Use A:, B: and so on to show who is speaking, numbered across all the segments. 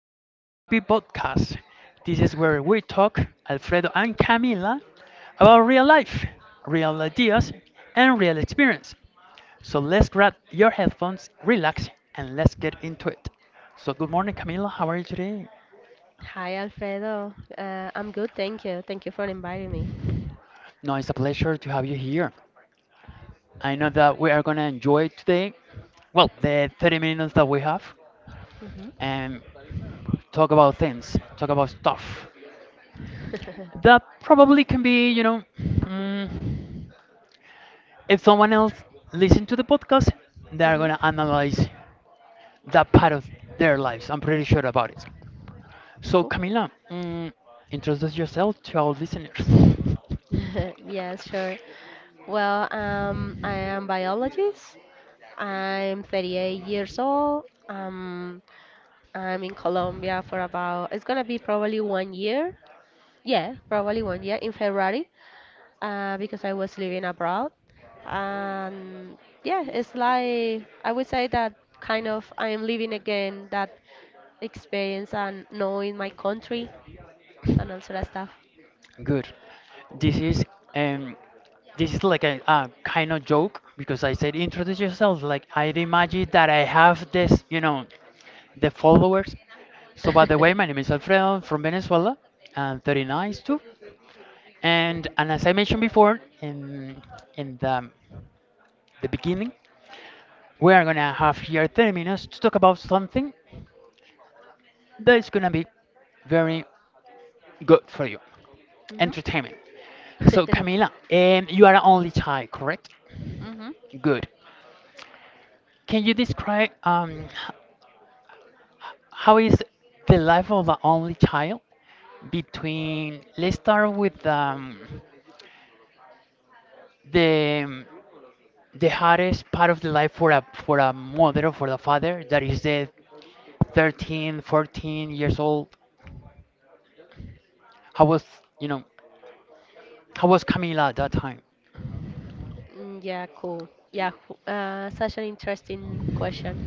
A: to the TP podcast. This is where we talk, Alfredo and Camila, about real life, real ideas, and real experience. So let's grab your headphones, relax, and let's get into it. So, good morning, Camila. How are you today?
B: Hi, Alfredo. I'm good, thank you. Thank you for inviting me.
A: No, it's a pleasure to have you here. I know that we are going to enjoy today, well, the 30 minutes that we have,
B: Hmm.
A: and talk about things, talk about stuff. That probably can be, if someone else listen to the podcast, they're
B: hmm
A: gonna analyze that part of their lives. I'm pretty sure about it. So,
B: Cool.
A: Camila, introduce yourself to our listeners.
B: Yes, sure. Well, I am biologist. I'm 38 years old. I'm in Colombia for about, it's gonna be probably 1 year. Yeah, probably 1 year in February, because I was living abroad. And yeah, it's like I would say that kind of I am living again that experience and know in my country and all sort of stuff.
A: Good. This is um this is like a kind of joke because I said introduce yourself. Like I'd imagine that I have this, the followers. So by the way, my name is Alfredo, I'm from Venezuela. I'm 39 too. And as I mentioned before in the beginning, we are gonna have here 30 minutes to talk about something that is gonna be very good for you.
B: Mhm.
A: Entertainment. So,
B: Mhm.
A: Camila, you are an only child, correct? Good. Can you describe how is the life of an only child between? Let's start with the um, the hardest part of the life for a mother or for a father that is the 13, 14 years old. How was you know how was Camila at that time?
B: Yeah, cool. Such an interesting question.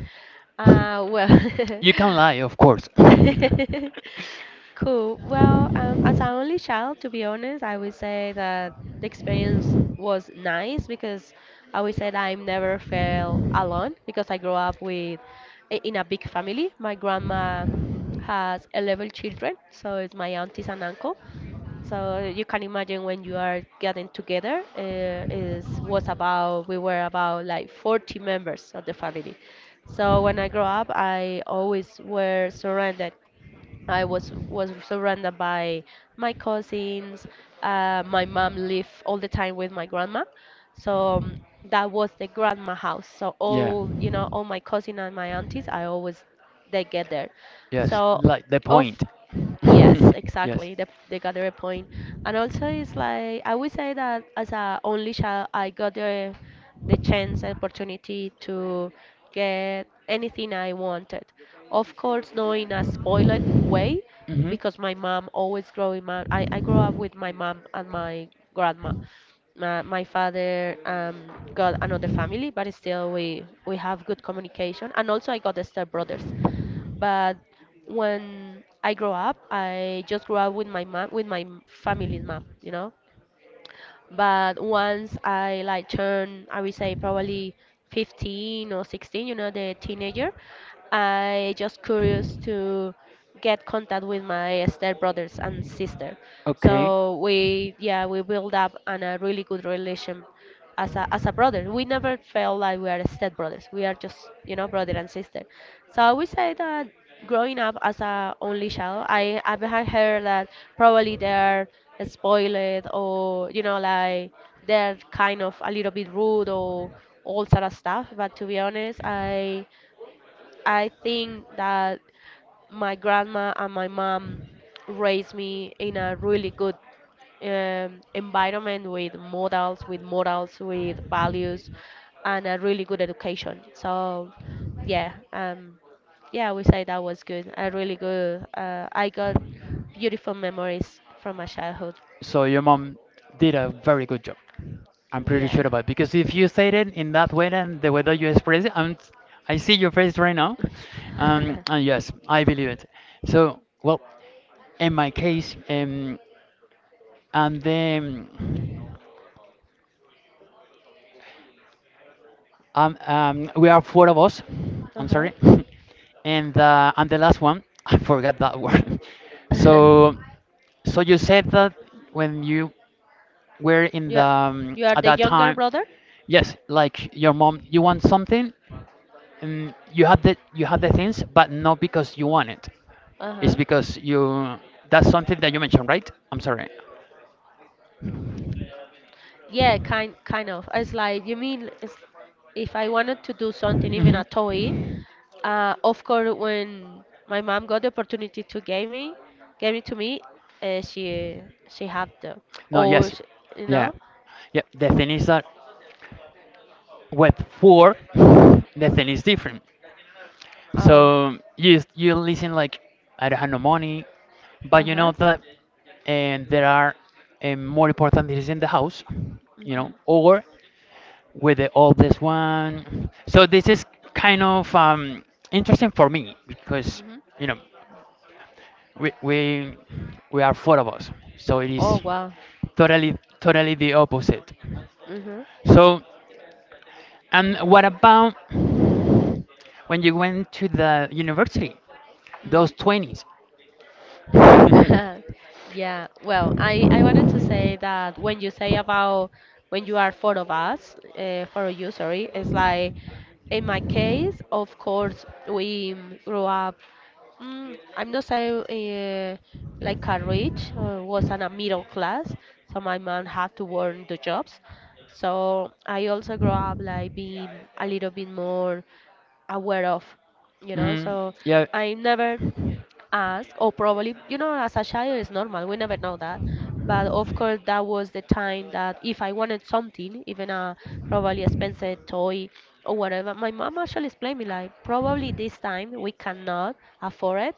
B: Well,
A: You can lie, of course.
B: cool. Well, as an only child, to be honest, I would say that the experience was nice because I would say that I never felt alone because I grew up with in a big family. My grandma has 11 children, so it's my aunties and uncle. So you can imagine when you are getting together, is was about we were about like 40 members of the family. So when I grew up, I always were surrounded I was surrounded by my cousins. My mom lived all the time with my grandma, so that was the grandma house. So
A: Yeah.
B: all you know, all my cousin and my aunties, I always they get there.
A: Yes,
B: So
A: like the
B: of
A: point.
B: yes,
A: Yes.
B: exactly. They got their point. And also, it's like I would say that as a only child, I got the chance and opportunity to get anything I wanted. Of course, not in a spoiled way,
A: Hmm.
B: because my mom always growing I grew up with my mom and my grandma. My father got another family, but still we have good communication. And also, I got the step brothers. But when I grow up, I just grew up with my mom, with my family's mom, you know. But once I like turn, I would say probably 15 or 16, you know, the teenager, I just curious to get contact with my step brothers and sister.
A: Okay.
B: So we, yeah, we build up on a really good relation as a brother. We never felt like we are step brothers. We are just, you know, brother and sister. So I would say that growing up as a only child, I've had heard that probably they're spoiled or you know like they're kind of a little bit rude or all sort of stuff. But to be honest, I think that my grandma and my mom raised me in a really good environment with models, with morals, with values, and a really good education. So, yeah, um, yeah, we say that was good. A really good. I got beautiful memories from my childhood.
A: So your mom did a very good job. I'm pretty
B: Yeah.
A: sure about it, because if you said it in that way and the way that you express it, I see your face right now. And yes, I believe it. So, well, in my case, and then we are four of us.
B: uh
A: I'm
B: huh.
A: sorry, and I'm the last one. I forgot that word. So, so, you said that when you were in
B: you
A: the
B: are- you are
A: at
B: the
A: that
B: younger
A: time,
B: brother.
A: yes, like your mom, you want something, and you have the things, but not because you want it.
B: Uh
A: It's
B: huh.
A: because you. That's something that you mentioned, right? I'm sorry.
B: Yeah, kind of. It's like you mean it's, if I wanted to do something, even a
A: Hmm.
B: toy, of course when my mom got the opportunity to give me gave it to me, uh, she she had the
A: No,
B: or
A: yes,
B: sh you
A: yeah,
B: know.
A: yeah. The thing is that, with four, the thing is different.
B: Oh.
A: So you listen like I don't have no money, but
B: Uh
A: you know
B: huh.
A: that, and there are more important things in the house, you know,
B: Mhm.
A: or with the oldest one. So this is kind of interesting for me because
B: Mhm.
A: you know we we we are four of us, so it
B: Oh,
A: is
B: wow.
A: totally totally the opposite.
B: Mhm.
A: So, and what about when you went to the university? Those
B: Mhm.
A: 20s.
B: Yeah, well, I wanted to say that when you say about when you are four of us, four of you, sorry, it's like in my case, of course, we grew up. I'm not saying like a rich or was in a middle class, so my mom had to work the jobs. So I also grew up like being a little bit more aware of, you know.
A: mm,
B: So
A: yeah.
B: I never ask or probably you know as a child it's normal we never know that but of course that was the time that if I wanted something even a probably expensive toy or whatever my mom actually explained me like probably this time we cannot afford it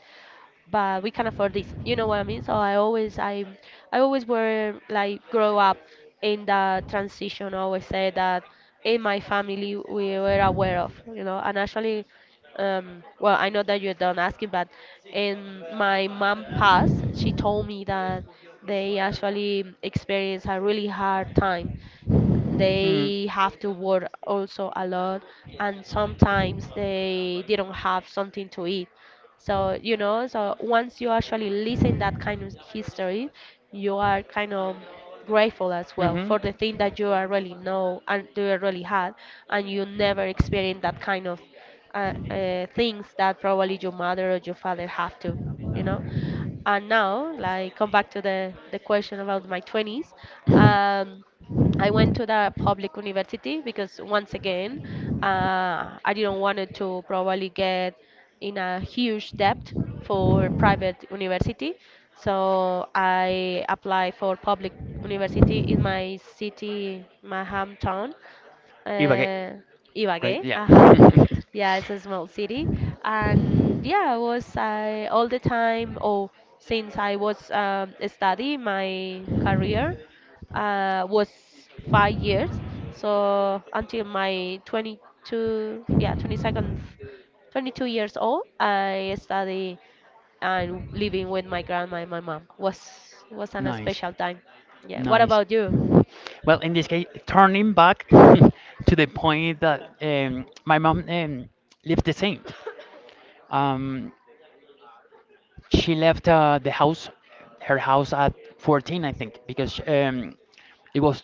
B: but we can afford this. You know what I mean? So I always were like grow up in that transition. I always say that in my family we were aware of, you know, and actually well I know that you don't ask it but in my mom passed she told me that they actually experienced a really hard time
A: Mm,
B: they have to work also a lot, and sometimes they didn't have something to eat. So, you know, so once you actually listen that kind of history, you are kind of grateful as well
A: mm-hmm.
B: for the thing that you already know and you already had, and you never experienced that kind of things that probably your mother or your father have to, you know. And now, like, come back to the question about my 20s. Um, I went to the public university because once again, I didn't want to probably get in a huge debt for private university. So I applied for public university in my city, my hometown,
A: Ibagué,
B: uh,
A: right?
B: Ibagué,
A: Yeah.
B: uh-huh. Yeah, it's a small city. And yeah, I was I all the time or since I was studying my career was 5 years. So until my 22, yeah, 22nd, 22 years old, I study and living with my grandma and my mom was an
A: Nice,
B: special time. Yeah. What
A: nice.
B: about you?
A: Well, in this case, turning back to the point that my mom lived the same. Um, she left her house at 14, I think, because it was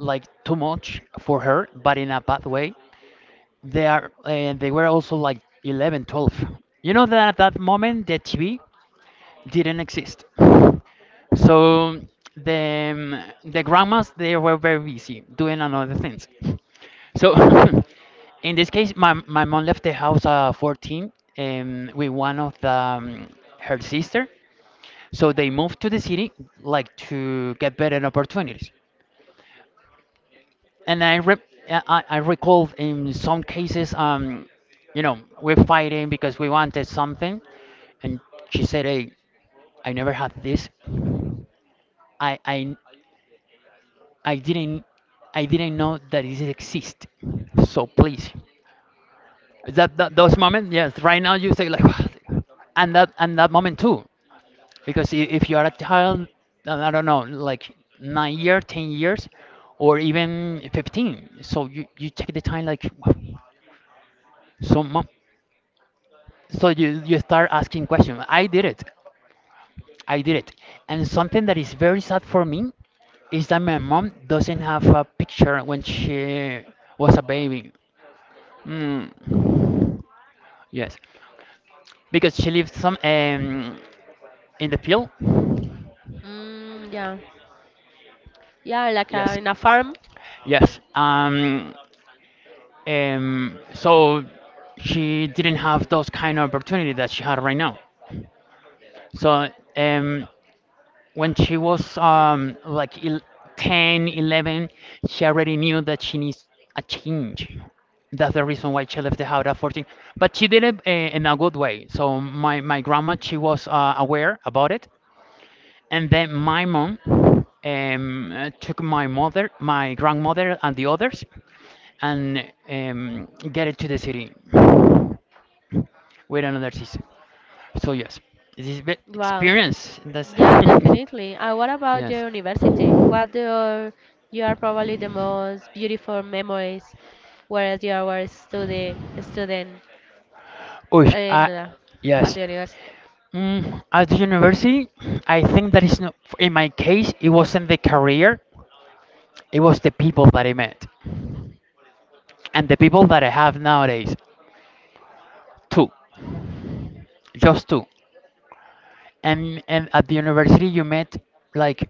A: like too much for her, but in a bad way. They are, and they were also like 11, 12. You know that at that moment the TV didn't exist, so the grandmas, they were very busy doing another things. So, in this case, my mom left the house at 14, with one of her sister, so they moved to the city like to get better opportunities. And I recall in some cases, we're fighting because we wanted something, and she said, "Hey, I never had this. I I I didn't I didn't know that it exists. So please." That, those moments, yes. Right now you say like, and that moment too. Because if you are a child, I don't know, like 9 years, 10 years, or even 15, so you take the time like so much. So you start asking questions. I did it. I did it. And something that is very sad for me is that my mom doesn't have a picture when she was a baby. Mm. Yes, because she lives some in the field.
B: Yeah. Yeah, like
A: Yes,
B: in a farm.
A: yes. So she didn't have those kind of opportunity that she had right now. So um, when she was like 10, 11, she already knew that she needs a change. That's the reason why she left the house at 14. But she did it in a good way. So my grandma, she was aware about it. And then my mom took my mother, my grandmother, and the others, and get it to the city with another season. So yes, this is the
B: Wow.
A: experience. That's
B: Yeah, definitely. And what about
A: yes.
B: your university? What your you are probably the most beautiful memories, whereas you were a study student
A: Oh,
B: in
A: I.
B: at
A: Yes.
B: the university.
A: At the university, I think that is not. In my case, it wasn't the career; it was the people that I met, and the people that I have nowadays. Two, just two. And at the university, you met like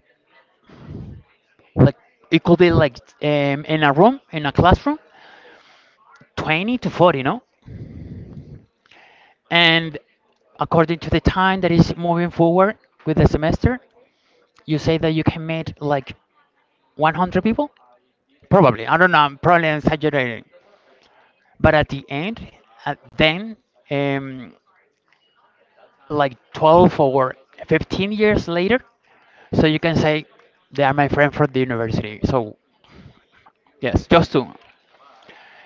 A: like, it could be like in a room in a classroom, 20 to 40, no? And according to the time that is moving forward with the semester, you say that you can meet like 100 people? Probably. I don't know. I'm probably exaggerating. But at the end, at then, um, like 12 or 15 years later, so you can say they are my friend from the university. So, yes, just to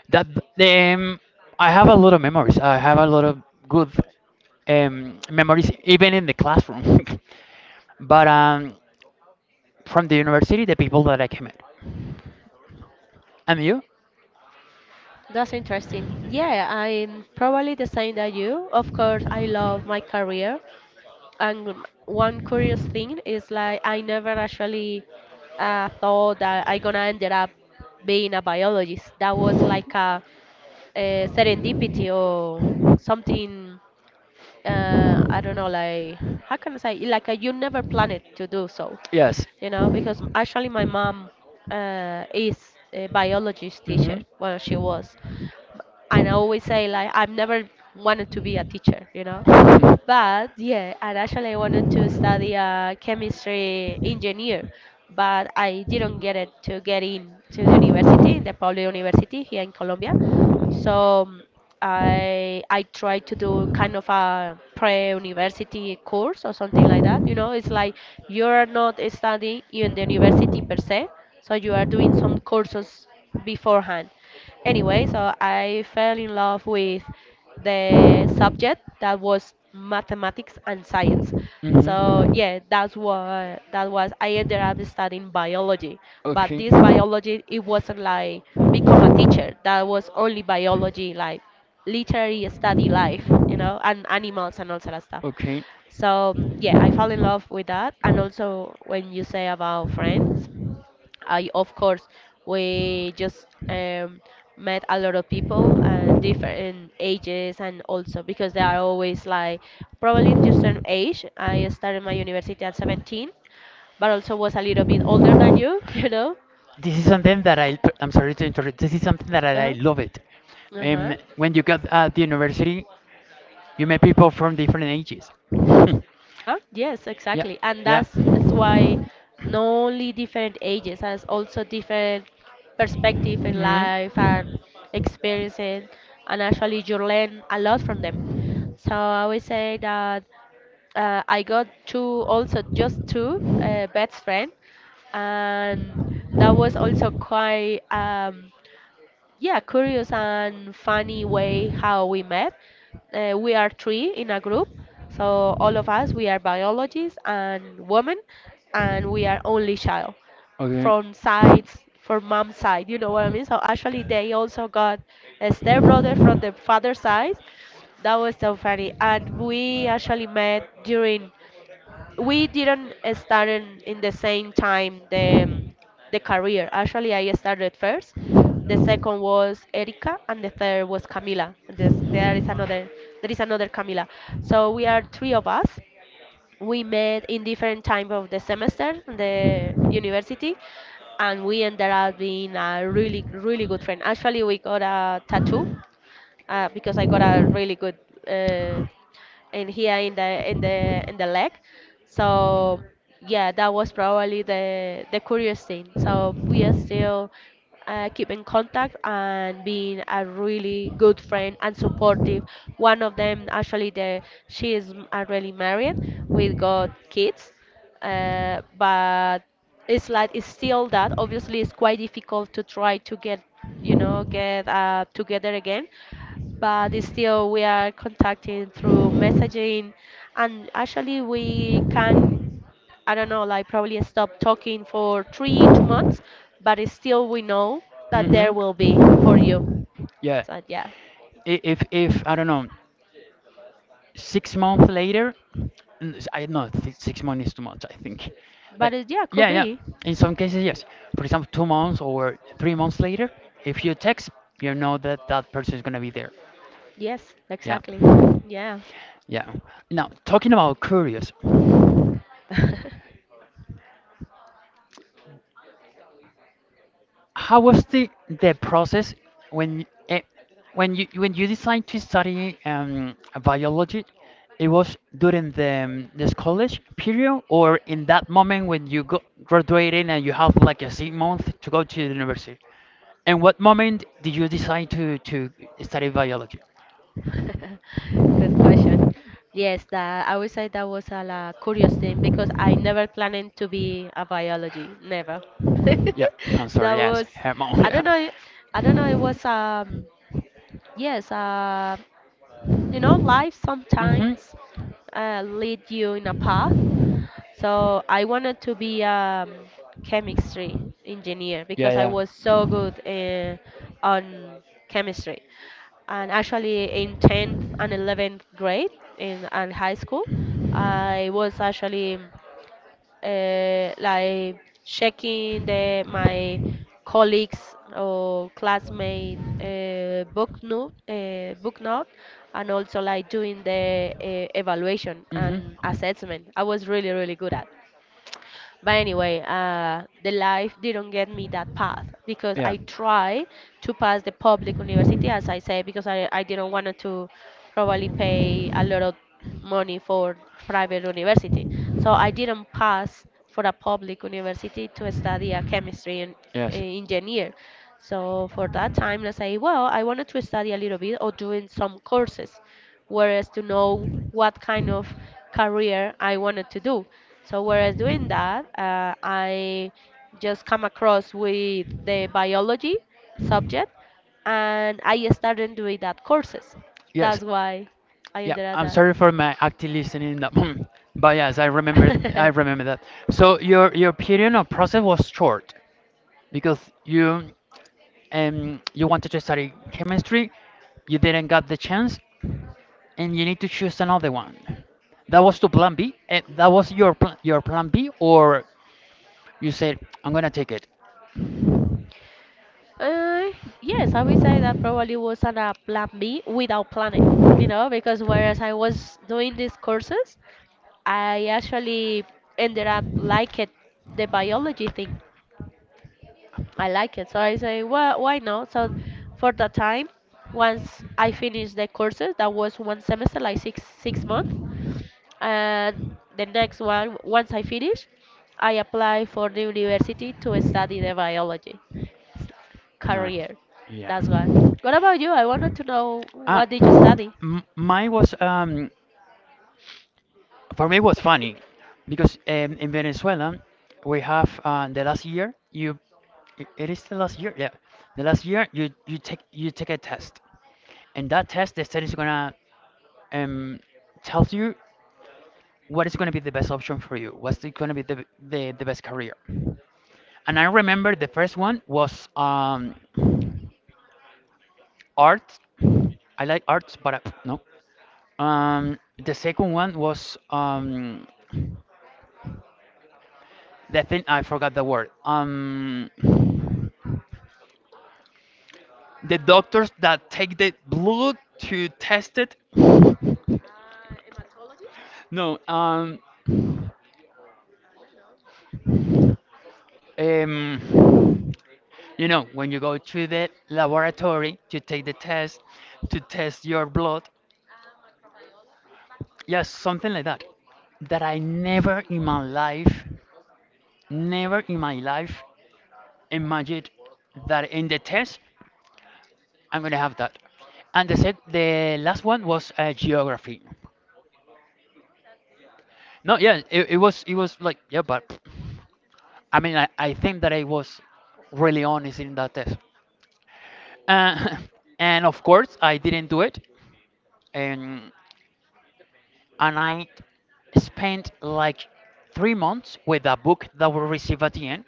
A: that. Um, I have a lot of memories. I have a lot of good memories, even in the classroom. But from the university, the people that I came with. And you?
B: That's interesting. Yeah, I'm probably the same that you. Of course, I love my career. And one curious thing is like I never actually thought that I gonna end up being a biologist. That was like a serendipity or something, I don't know like how can I say like you never planned to do so
A: Yes.
B: you know because actually my mom is a biologist teacher
A: Hmm,
B: well she was and I always say like I've never wanted to be a teacher, you know. But yeah, and actually I wanted to study a chemistry engineer, but I didn't get it to get in to the university, in the Pablo University here in Colombia. So I tried to do kind of a pre-university course or something like that. You know, it's like you're not studying in the university per se, so you are doing some courses beforehand. Anyway, so I fell in love with the subject that was mathematics and science. So
A: hmm.
B: yeah, that's what that was. I ended up studying biology, but
A: Okay.
B: this biology it wasn't like become a teacher. That was only biology, like literally study life, you know, and animals and all sort of stuff.
A: Okay.
B: So yeah, I fell in love with that. And also when you say about friends, I of course we just met a lot of people and different ages and also because they are always like probably in just an age. I started my university at 17, but also was a little bit older than you, you know.
A: This is something that I'm sorry to interrupt, this is something that I
B: Uh-huh.
A: love it.
B: Uh-huh.
A: When you got at the university, you met people from different ages.
B: Yes,
A: Yeah,
B: exactly. And
A: yeah.
B: that's is why not only different ages, as also different perspective in
A: Mhm.
B: life and experiences, and actually you learn a lot from them. So I would say that I got two, also just two best friend, and that was also quite yeah, curious and funny way how we met. We are three in a group, so all of us we are biologists and women, and we are only child
A: Okay.
B: from sides from mom's side. You know what I mean? So actually, they also got a stepbrother from the father's side. That was so funny, and we actually met during we didn't start in the same time the career. Actually, I started first. The second was Erika, and the third was Camila. There is another Camila. So we are three of us. We met in different time of the semester, the university, and we ended up being a really good friend. Actually, we got a tattoo because I got a really good uh, in here in the in the in the leg. So yeah, that was probably the curious thing. So we are still keep in contact and being a really good friend and supportive. One of them actually the she is already married. We got kids, but it's like it's still that. Obviously, it's quite difficult to try to get you know get together again but it's still we are contacting through messaging and actually we can I don't know like probably stop talking for 3, 2 months but it's still we know that there will
A: Mm-hmm.
B: be for you
A: Yeah.
B: so yeah
A: If I don't know, 6 months later, I know 6 months is 2 months, I think, like,
B: but it, yeah could
A: yeah, yeah.
B: be.
A: In some cases, yes. For example, 2 months or 3 months later, if you text, you know that that person is gonna be there.
B: Yes,
A: Yeah,
B: exactly. Yeah.
A: yeah. Now, talking about curious. How was the process when eh, when you decide to study biology? It was during the this college period, or in that moment when you go graduating and you have like a 6 month to go to the university. And what moment did you decide to study biology?
B: Good question. Yes, that I would say that was a la curious thing because I never planned to be a biology, never.
A: Yeah, I'm
B: That
A: sorry. Yes,
B: was,
A: mom.
B: I
A: Yeah.
B: don't know, I don't know. It was yes, life
A: Mhm.
B: sometimes lead you in a path. So I wanted to be a chemistry engineer
A: Yeah,
B: because I was
A: yeah.
B: so good on chemistry. And actually, in 10th and 11th grade in and high school, I was actually like checking the my colleagues or classmate book note, and also like doing the evaluation
A: Hmm.
B: and assessment. I was really really good at, but anyway, the life didn't get me that path because
A: Yeah.
B: I try to pass the public university, as I said, because I didn't want to probably pay a lot of money for private university. So I didn't pass for a public university to study a
A: Yes.
B: engineer. So for that time, I say, well, I wanted to study a little bit or doing some courses whereas to know what kind of career I wanted to do. So whereas doing that, I just come across with the biology subject and I started doing that courses.
A: Yes.
B: That's why I
A: Yeah,
B: ended
A: I'm
B: at
A: sorry for my active listening in that moment. But yes, I remember I
B: that.
A: remember that. So your period of process was short because you you wanted to study chemistry, you didn't got the chance, and you need to choose another one. That was to plan B. That was your plan B, or you said I'm gonna take it.
B: Uh, yes, I would say that probably was on a plan B without planning, you know, because whereas I was doing these courses, I actually ended up liking the biology thing. I like it. So I say, well, why not? So for that time, once I finished the courses, that was one semester, like six months, and the next one, once I finish, I apply for the university to study the s-
A: Nice.
B: career.
A: Yeah.
B: That's why. What about you? I wanted to know
A: Ah,
B: what did you study,
A: m mine was. For me, it was funny because in Venezuela we have the last year you I- it is the last year, yeah, the last year you take a test, and that test the test is gonna um, tells you what is gonna be the best option for you, what's gonna be the best career. And I remember the first one was art. I like arts, but no. um, the second one was the thing, I forgot the word. The doctors that take the blood to test it. No, um, when you go to the laboratory to take the test, to test your blood, yes, something like that. That I never in my life, never in my life imagined that in the test I'm gonna have that. And the last one was geography. No, yeah, it was like, yeah, but I mean, I think that I was really honest in that test. Uh, and of course I didn't do it. And and I spent like 3 months with a book that we receive at the end.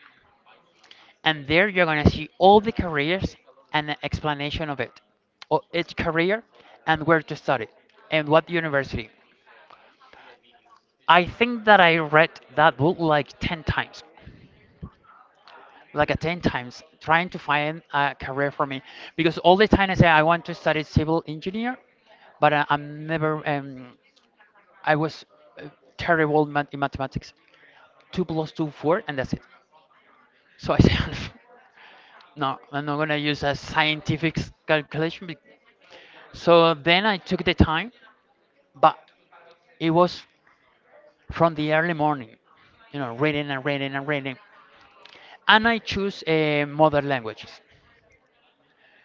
A: And there you're gonna see all the careers and an explanation of it. Or each career, and where to study, and what university. I think that I read that book like ten times, like a 10 times, trying to find a career for me because all the time I say I want to study civil engineer, but I, I'm never, I was uh, terrible in mathematics. Two plus two, four, and that's it. So I said, no, I'm not gonna use a scientific calculation. So then I took the time, but it was from the early morning, reading and reading and reading. And I choose mother languages.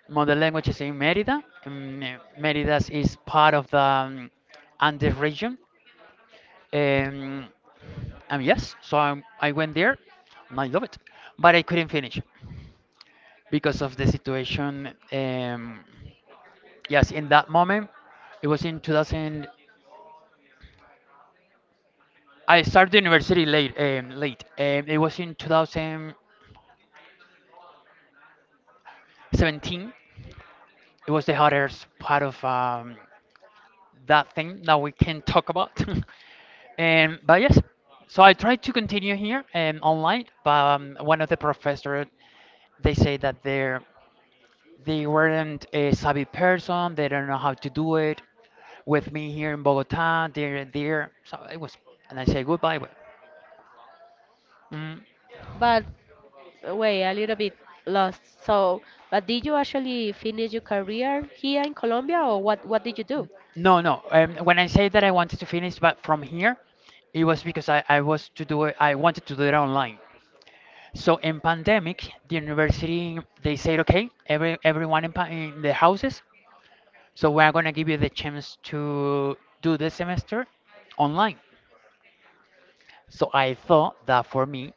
A: Mother language is in Merida. Merida is part of the Andes region. Um, and yes, so I went there and I love it. But I couldn't finish because of the situation. Yes, in that moment, it was in 2000. I started university late. Late. It was in 2017. It was the hardest part of that thing that we can talk about. and but yes, so I tried to continue here and online, but one of the professors they say that they weren't a savvy person. They don't know how to do it. With me here in Bogota, they're there. So it was, and I say goodbye. But, mm,
B: but wait, a little bit lost. So, but did you actually finish your career here in Colombia, or what? What did you do?
A: no, no. When I say that I wanted to finish, but from here, it was because I was to do it. I wanted to do it online. So in pandemic, the university they said, okay, everyone in, in the houses, so we are gonna give you the chance to do this semester online. So I thought that for me,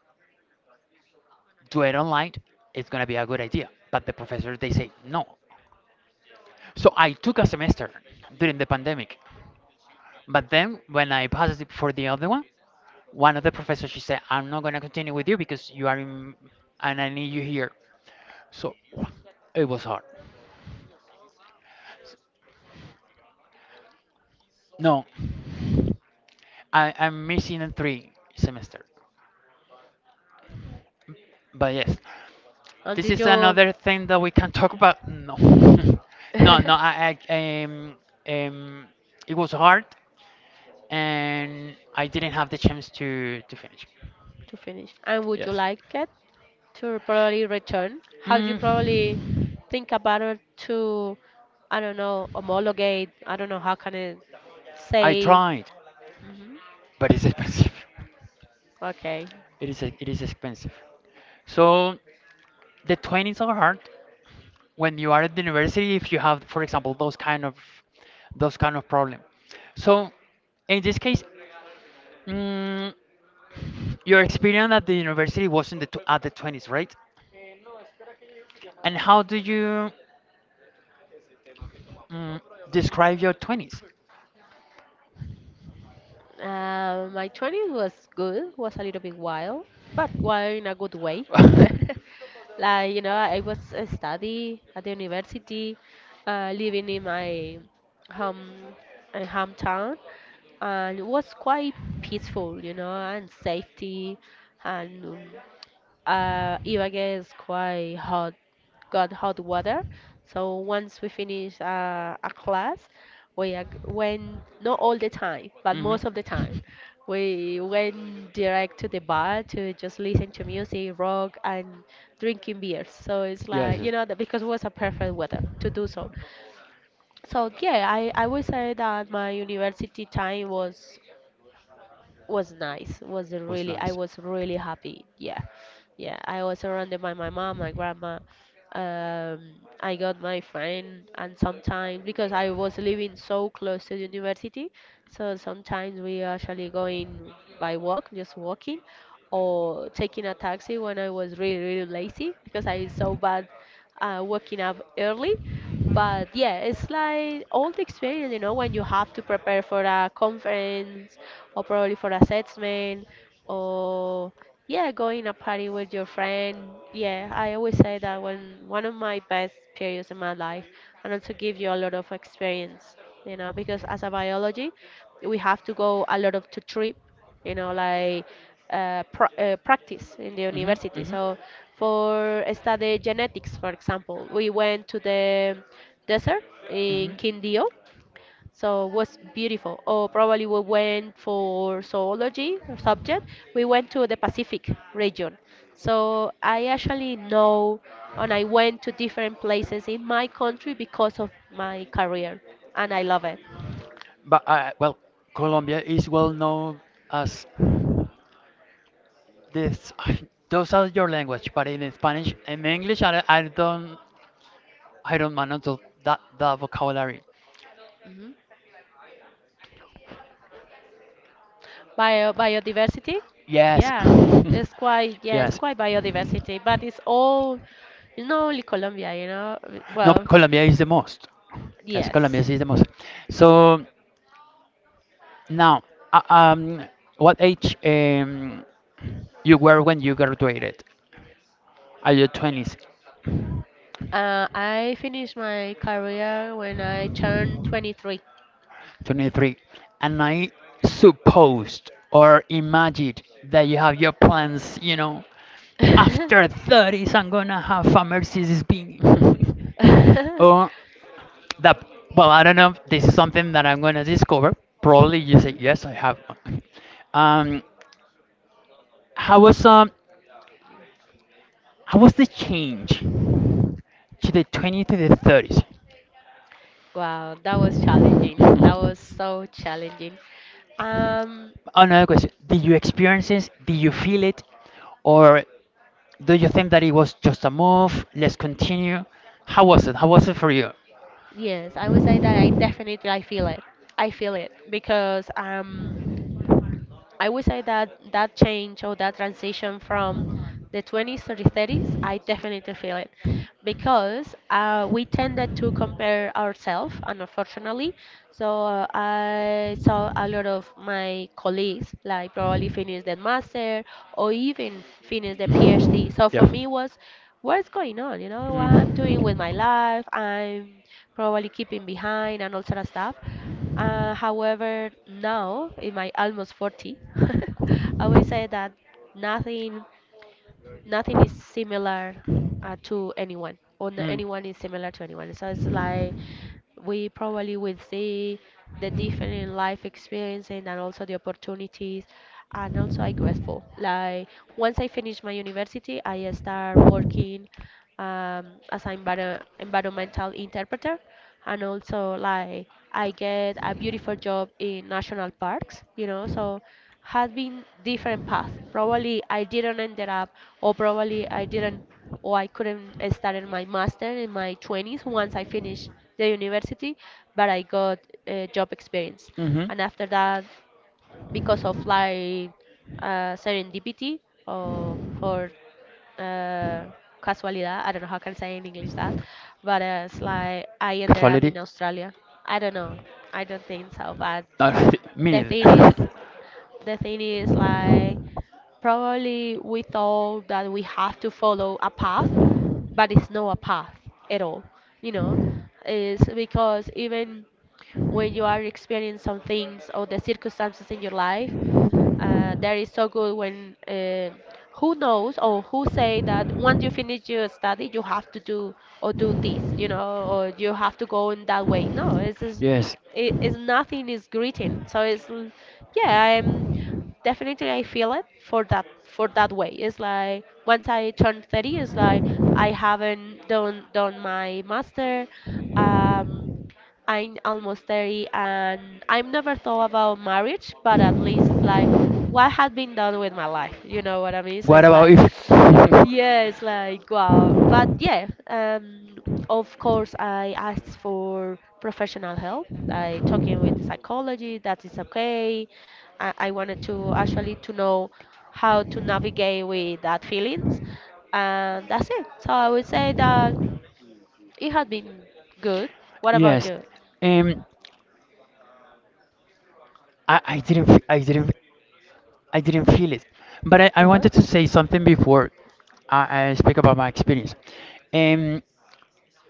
A: do it online, it's gonna be a good idea. But the professors they say no. So I took a semester during the pandemic, but then when I passed it for the other one, one of the professors she said, I'm not gonna continue with you because you are in, and I need you here. So it was hard. No, I'm missing a three semester. But yes,
B: And
A: this
B: did
A: is
B: you?
A: another thing that we can talk about. No, no, no. I um, it was hard, and I didn't have the chance to finish.
B: To finish. And would you
A: Yes.
B: like it to probably return? How do you
A: Mm,
B: probably think about it to, I don't know, homologate? I don't know how can I
A: I
B: say.
A: tried,
B: Hmm.
A: but it's expensive.
B: Okay.
A: It is expensive. So the 20s are hard. When you are at the university, if you have for example those kind of problem, so in this case, mm, your experience at the university was in the at the 20s, right? And how do you, mm, describe your 20s?
B: My twenties was good, was a little bit wild, but wild in a good way. Like, you know, I was study at the university, living in my home, hometown, and it was quite peaceful, you know, and safety, and Iba gets quite hot, got hot water. So once we finish a class, we went, not all the time, but
A: Hmm.
B: most of the time, we went direct to the bar to just listen to music, rock, and drinking beers. So it's
A: Yes,
B: like,
A: yes.
B: you know, that because it was a perfect weather to do so. So yeah, I would say that my university time was nice. Was
A: Was
B: really, I
A: nice.
B: was really happy. Yeah, yeah. I was surrounded by my mom, my grandma. Um, I got my friend, and sometimes because I was living so close to the university, so sometimes we actually going by walk, just walking, or taking a taxi when I was really really lazy because I was so bad waking up early. But yeah, it's like all the experience, you know, when you have to prepare for a conference or probably for assessment, or yeah, going a party with your friend. Yeah, I always say that when one of my best periods in my life, and also give you a lot of experience, you know, because as a biology, we have to go a lot of to trip, you know, like practice in the
A: Hmm.
B: university.
A: Hmm.
B: So for study genetics, for example, we went to the desert in
A: Hmm.
B: Quindío, so it was beautiful. Or probably we went for zoology or subject. We went to the Pacific region. So I actually know, and I went to different places in my country because of my career, and I love it.
A: But well, Colombia is well known as this. Those are your language, but in Spanish and English, I don't manage that vocabulary.
B: Hmm. Biodiversity?
A: Yes,
B: Yeah. It's quite, yeah, it's
A: yes.
B: quite biodiversity, but it's all, it's not only Colombia, you know.
A: No, but
B: Well,
A: Colombia is the most. Yes, Colombia
B: yes.
A: is the most. So now, uh, um, what age you were when you graduated? Are you twenties?
B: I finished my career when I turned 23.
A: 23. And I supposed or imagined that you have your plans, after 30s, I'm gonna have a Mercedes Benz. Or that, well, I don't know if this is something that I'm gonna discover. Probably you say,
B: Mhm.
A: yes, I have one. Um, how was, how was the change to the 20 to the
B: Wow, that was challenging. That
A: 30s?
B: was so challenging. Um,
A: Another question. Did you experience this? Did you feel it? Or do you think that it was just a move? Let's continue. How was it? How was it for you?
B: yes, I would say that I definitely I feel it. I feel it because I would say that that change or that transition from the 20s to the 30s, I definitely feel it, because we tended to compare ourselves, and unfortunately. So I saw a lot of my colleagues, like probably finish the master or even finish the PhD. So for
A: Yeah.
B: me was, what's going on? You know, what I'm
A: Mm.
B: doing with my life. I'm probably keeping behind and all sort of stuff. However, now in my almost 40, I would say that nothing nothing is similar to anyone, or no,
A: Mm.
B: anyone is similar to anyone. So it's like we probably will see the different life experience, and then also the opportunities, and also I grateful, like once I finish my university, I start working as an environmental interpreter, and also like I get a beautiful job in national parks, you know, so has been different path. Probably I didn't end it up, or probably I didn't, or I couldn't start in my master in my 20s once I finished the university, but I got job experience.
A: Hmm.
B: And after that, because of like serendipity, or for uh, casualidad. I don't know how I can I say in English that, but it's like I ended up
A: Casuality?
B: in Australia. I don't know. I don't think so. But
A: No, me
B: the thing is,
A: neither.
B: the thing is like probably we thought that we have to follow a path, but it's not a path at all. You know, it's because even when you are experiencing some things or the circumstances in your life, that is so good when who knows or who say that once you finish your study you have to do or do this, you know, or you have to go in that way, no, it's just,
A: Yes.
B: it, it's nothing is greeting, so it's yeah I'm definitely I feel it for that, for that way. It's like once I turn 30, it's like I haven't done my master. um I'm almost 30 and I've never thought about marriage, but at least it's like what had been done with my life. You know what I mean? So
A: What
B: it's
A: about
B: like,
A: if?
B: yeah, it's like, wow. But yeah, of course, I asked for professional help, like talking with the psychology, that is okay. I wanted to actually to know how to navigate with that feelings. And that's it. So I would say that it had been good. What about
A: Yes,
B: you?
A: um, I, I didn't, f- I didn't, I didn't feel it, but I
B: Uh-huh.
A: wanted to say something before I speak about my experience. Um,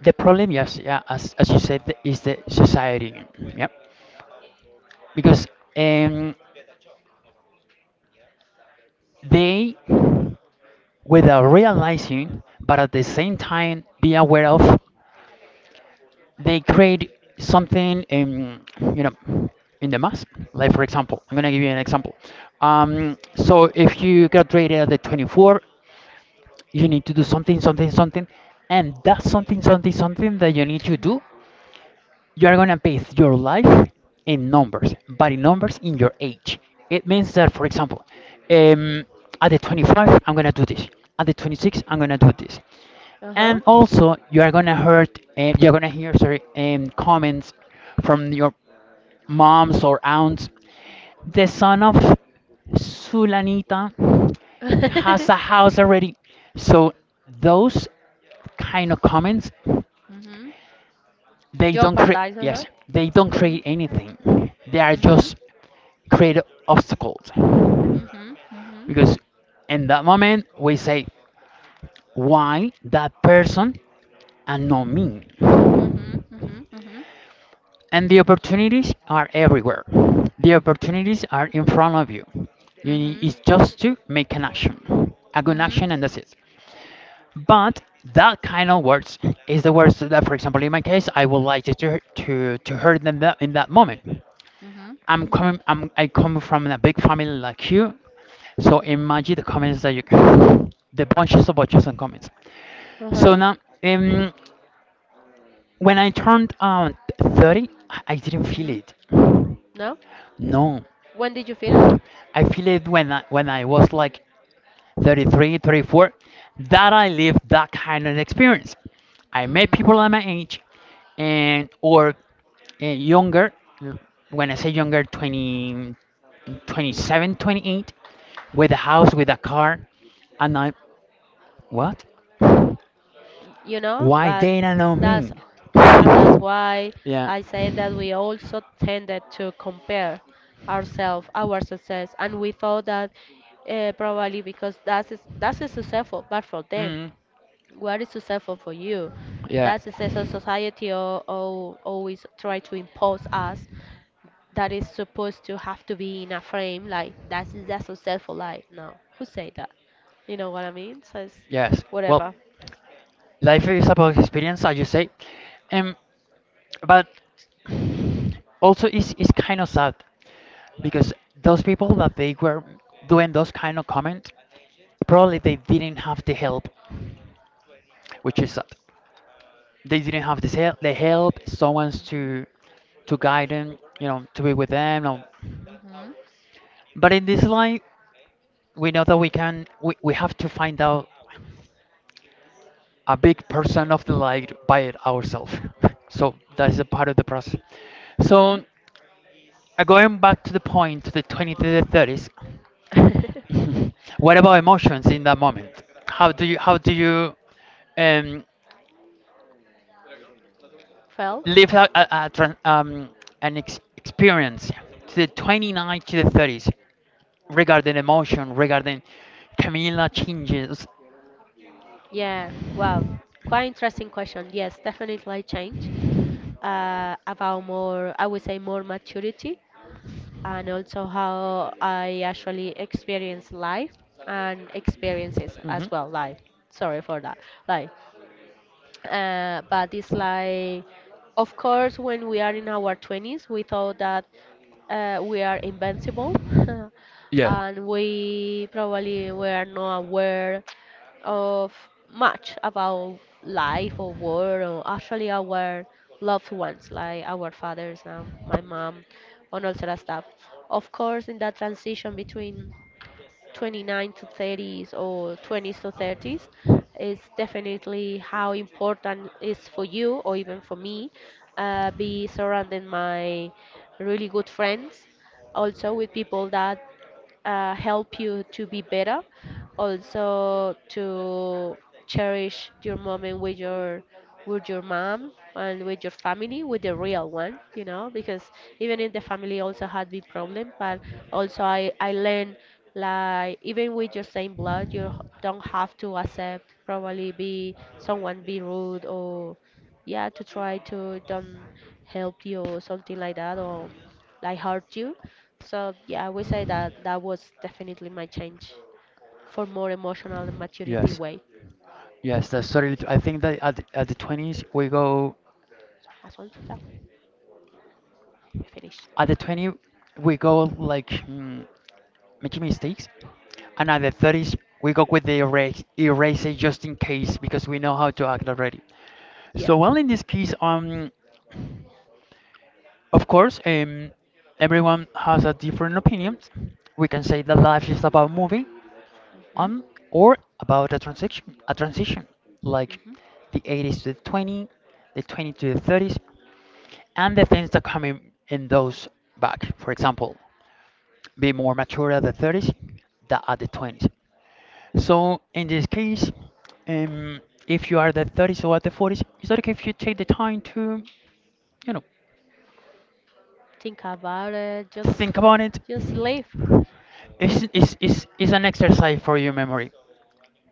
A: the problem, yes, yeah, as you said, is the society. Yeah, because um, they, without realizing but at the same time be aware of, they create something in, in the mass. Like, for example, I'm gonna give you an example. So if you graduated at the 24, you need to do something something something, and that's something something something that you need to
B: Mhm.
A: do. You are gonna base your life in numbers, but in numbers in your age. It means that, for example, um, at the 25, I'm gonna do this. At the 26, I'm gonna do this.
B: Uh-huh.
A: And also, you are gonna hurt, you're gonna hear, sorry, comments from your moms or aunts. The son of Sulanita has a house already. So those kind of comments
B: Mhm.
A: they don't create,
B: Jeopardize. Uh-huh.
A: yes, they don't
B: Mhm.
A: create anything. They are
B: Mhm.
A: just create obstacles.
B: Mhm. Mhm.
A: Because in that moment we say, why that person and not me?
B: Mhm. Mhm. Mhm.
A: And the opportunities are everywhere. The opportunities are in front of you. You need
B: Mhm.
A: is just to make an action. A good
B: Mhm.
A: action and that's it. But that kind of words is the words that, for example, in my case, I would like to hurt them that in that moment.
B: Mhm.
A: I'm
B: Mhm.
A: coming. I'm. I come from a big family like you, so imagine the comments that you, the bunches of bunches and comments. So
B: Uh-huh.
A: now, um, when I turned 30, I didn't feel
B: Mhm.
A: it.
B: No?
A: No,
B: When did you feel it?
A: I feel it when I was like 33 34, that I lived that kind of experience. I met people at
B: Mm.
A: my age and or younger, when I say younger, 20, 27, 28, with a house, with a car, and I, what?
B: You know,
A: Why
B: but
A: they don't know
B: that's
A: me?
B: that's why
A: Yeah.
B: I say that we also tended to compare ourselves, our success, and we thought that probably because that's is successful, but for them,
A: Mm,
B: what is successful for you?
A: yeah.
B: That's is as a society always try to impose us that is supposed to have to be in a frame, like that's successful life, no, who say that, you know what I mean, so it's
A: Yes. Well,
B: whatever.
A: life is about experience, as you say. Um, but also, it's, kind of sad because those people that they were doing those kind of comments, probably they didn't have the help, which is sad. They didn't have this help, the help, someone's
B: Mhm.
A: to guide them, to be with them. Or,
B: Mhm.
A: but in this life, we know that we can, we have to find out a big person of the light by it ourselves. So that is a part of the process.
B: Mhm.
A: So going back to the point to the 20s to the 30s, what about emotions in that moment? How do you um,
B: Felt.
A: live an experience to the 29 to the 30s regarding emotion, regarding Camila changes?
B: Yeah. Wow. Quite interesting question. Yes, definitely change. About more, I would say more maturity, and also how I actually experience life and experiences
A: Hmm.
B: as well. Life. Sorry for that. Life. But it's like, of course when we are in our 20s we thought that we are invincible.
A: Yeah.
B: And we probably were not aware of much about life or war, or actually our loved ones like our fathers and my mom and all sort of stuff. Of course in that transition between 29 to 30s or 20s to 30s, is definitely how important is for you or even for me, be surrounding my really good friends, also with people that help you to be better, also to cherish your moment with your, with your mom, and with your family, with the real one, you know, because even in the family also had big problem, but also I learned like even with your same blood, you don't have to accept probably be someone be rude, or yeah, to try to don't help you or something like that, or like hurt you. So yeah, I would say that that was definitely my change for more emotional and maturity
A: Yes.
B: way.
A: Yes, that's totally. I think that at the 20s we go.
B: As well. So that's all to you. Finished.
A: At the 20, we go like, making mistakes. And at the 30s, we go with the eraser just in case because we know how to act already.
B: Yeah.
A: So, well, in this case, of course, everyone has a different opinions. We can say that life is about moving
B: Mhm.
A: on or about a transition, like
B: Mhm.
A: the 80s to the 20, the 20 to the 30s, and the things that come in those back. For example, be more mature at the 30s than at the 20s. So in this case, um, if you are the 30s or at the 40s, it's okay if you take the time to, you know.
B: Think about it.
A: Think about it.
B: Just leave.
A: It's an exercise for your memory.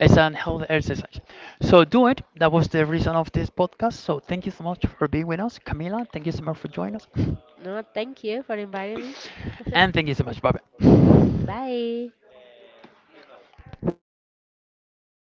A: It's an health exercise. So do it. That was the reason of this podcast. So thank you so much for being with us. Camila, thank you so much for joining us.
B: No, thank you for inviting me.
A: And thank you so much. Bye bye.
B: Bye.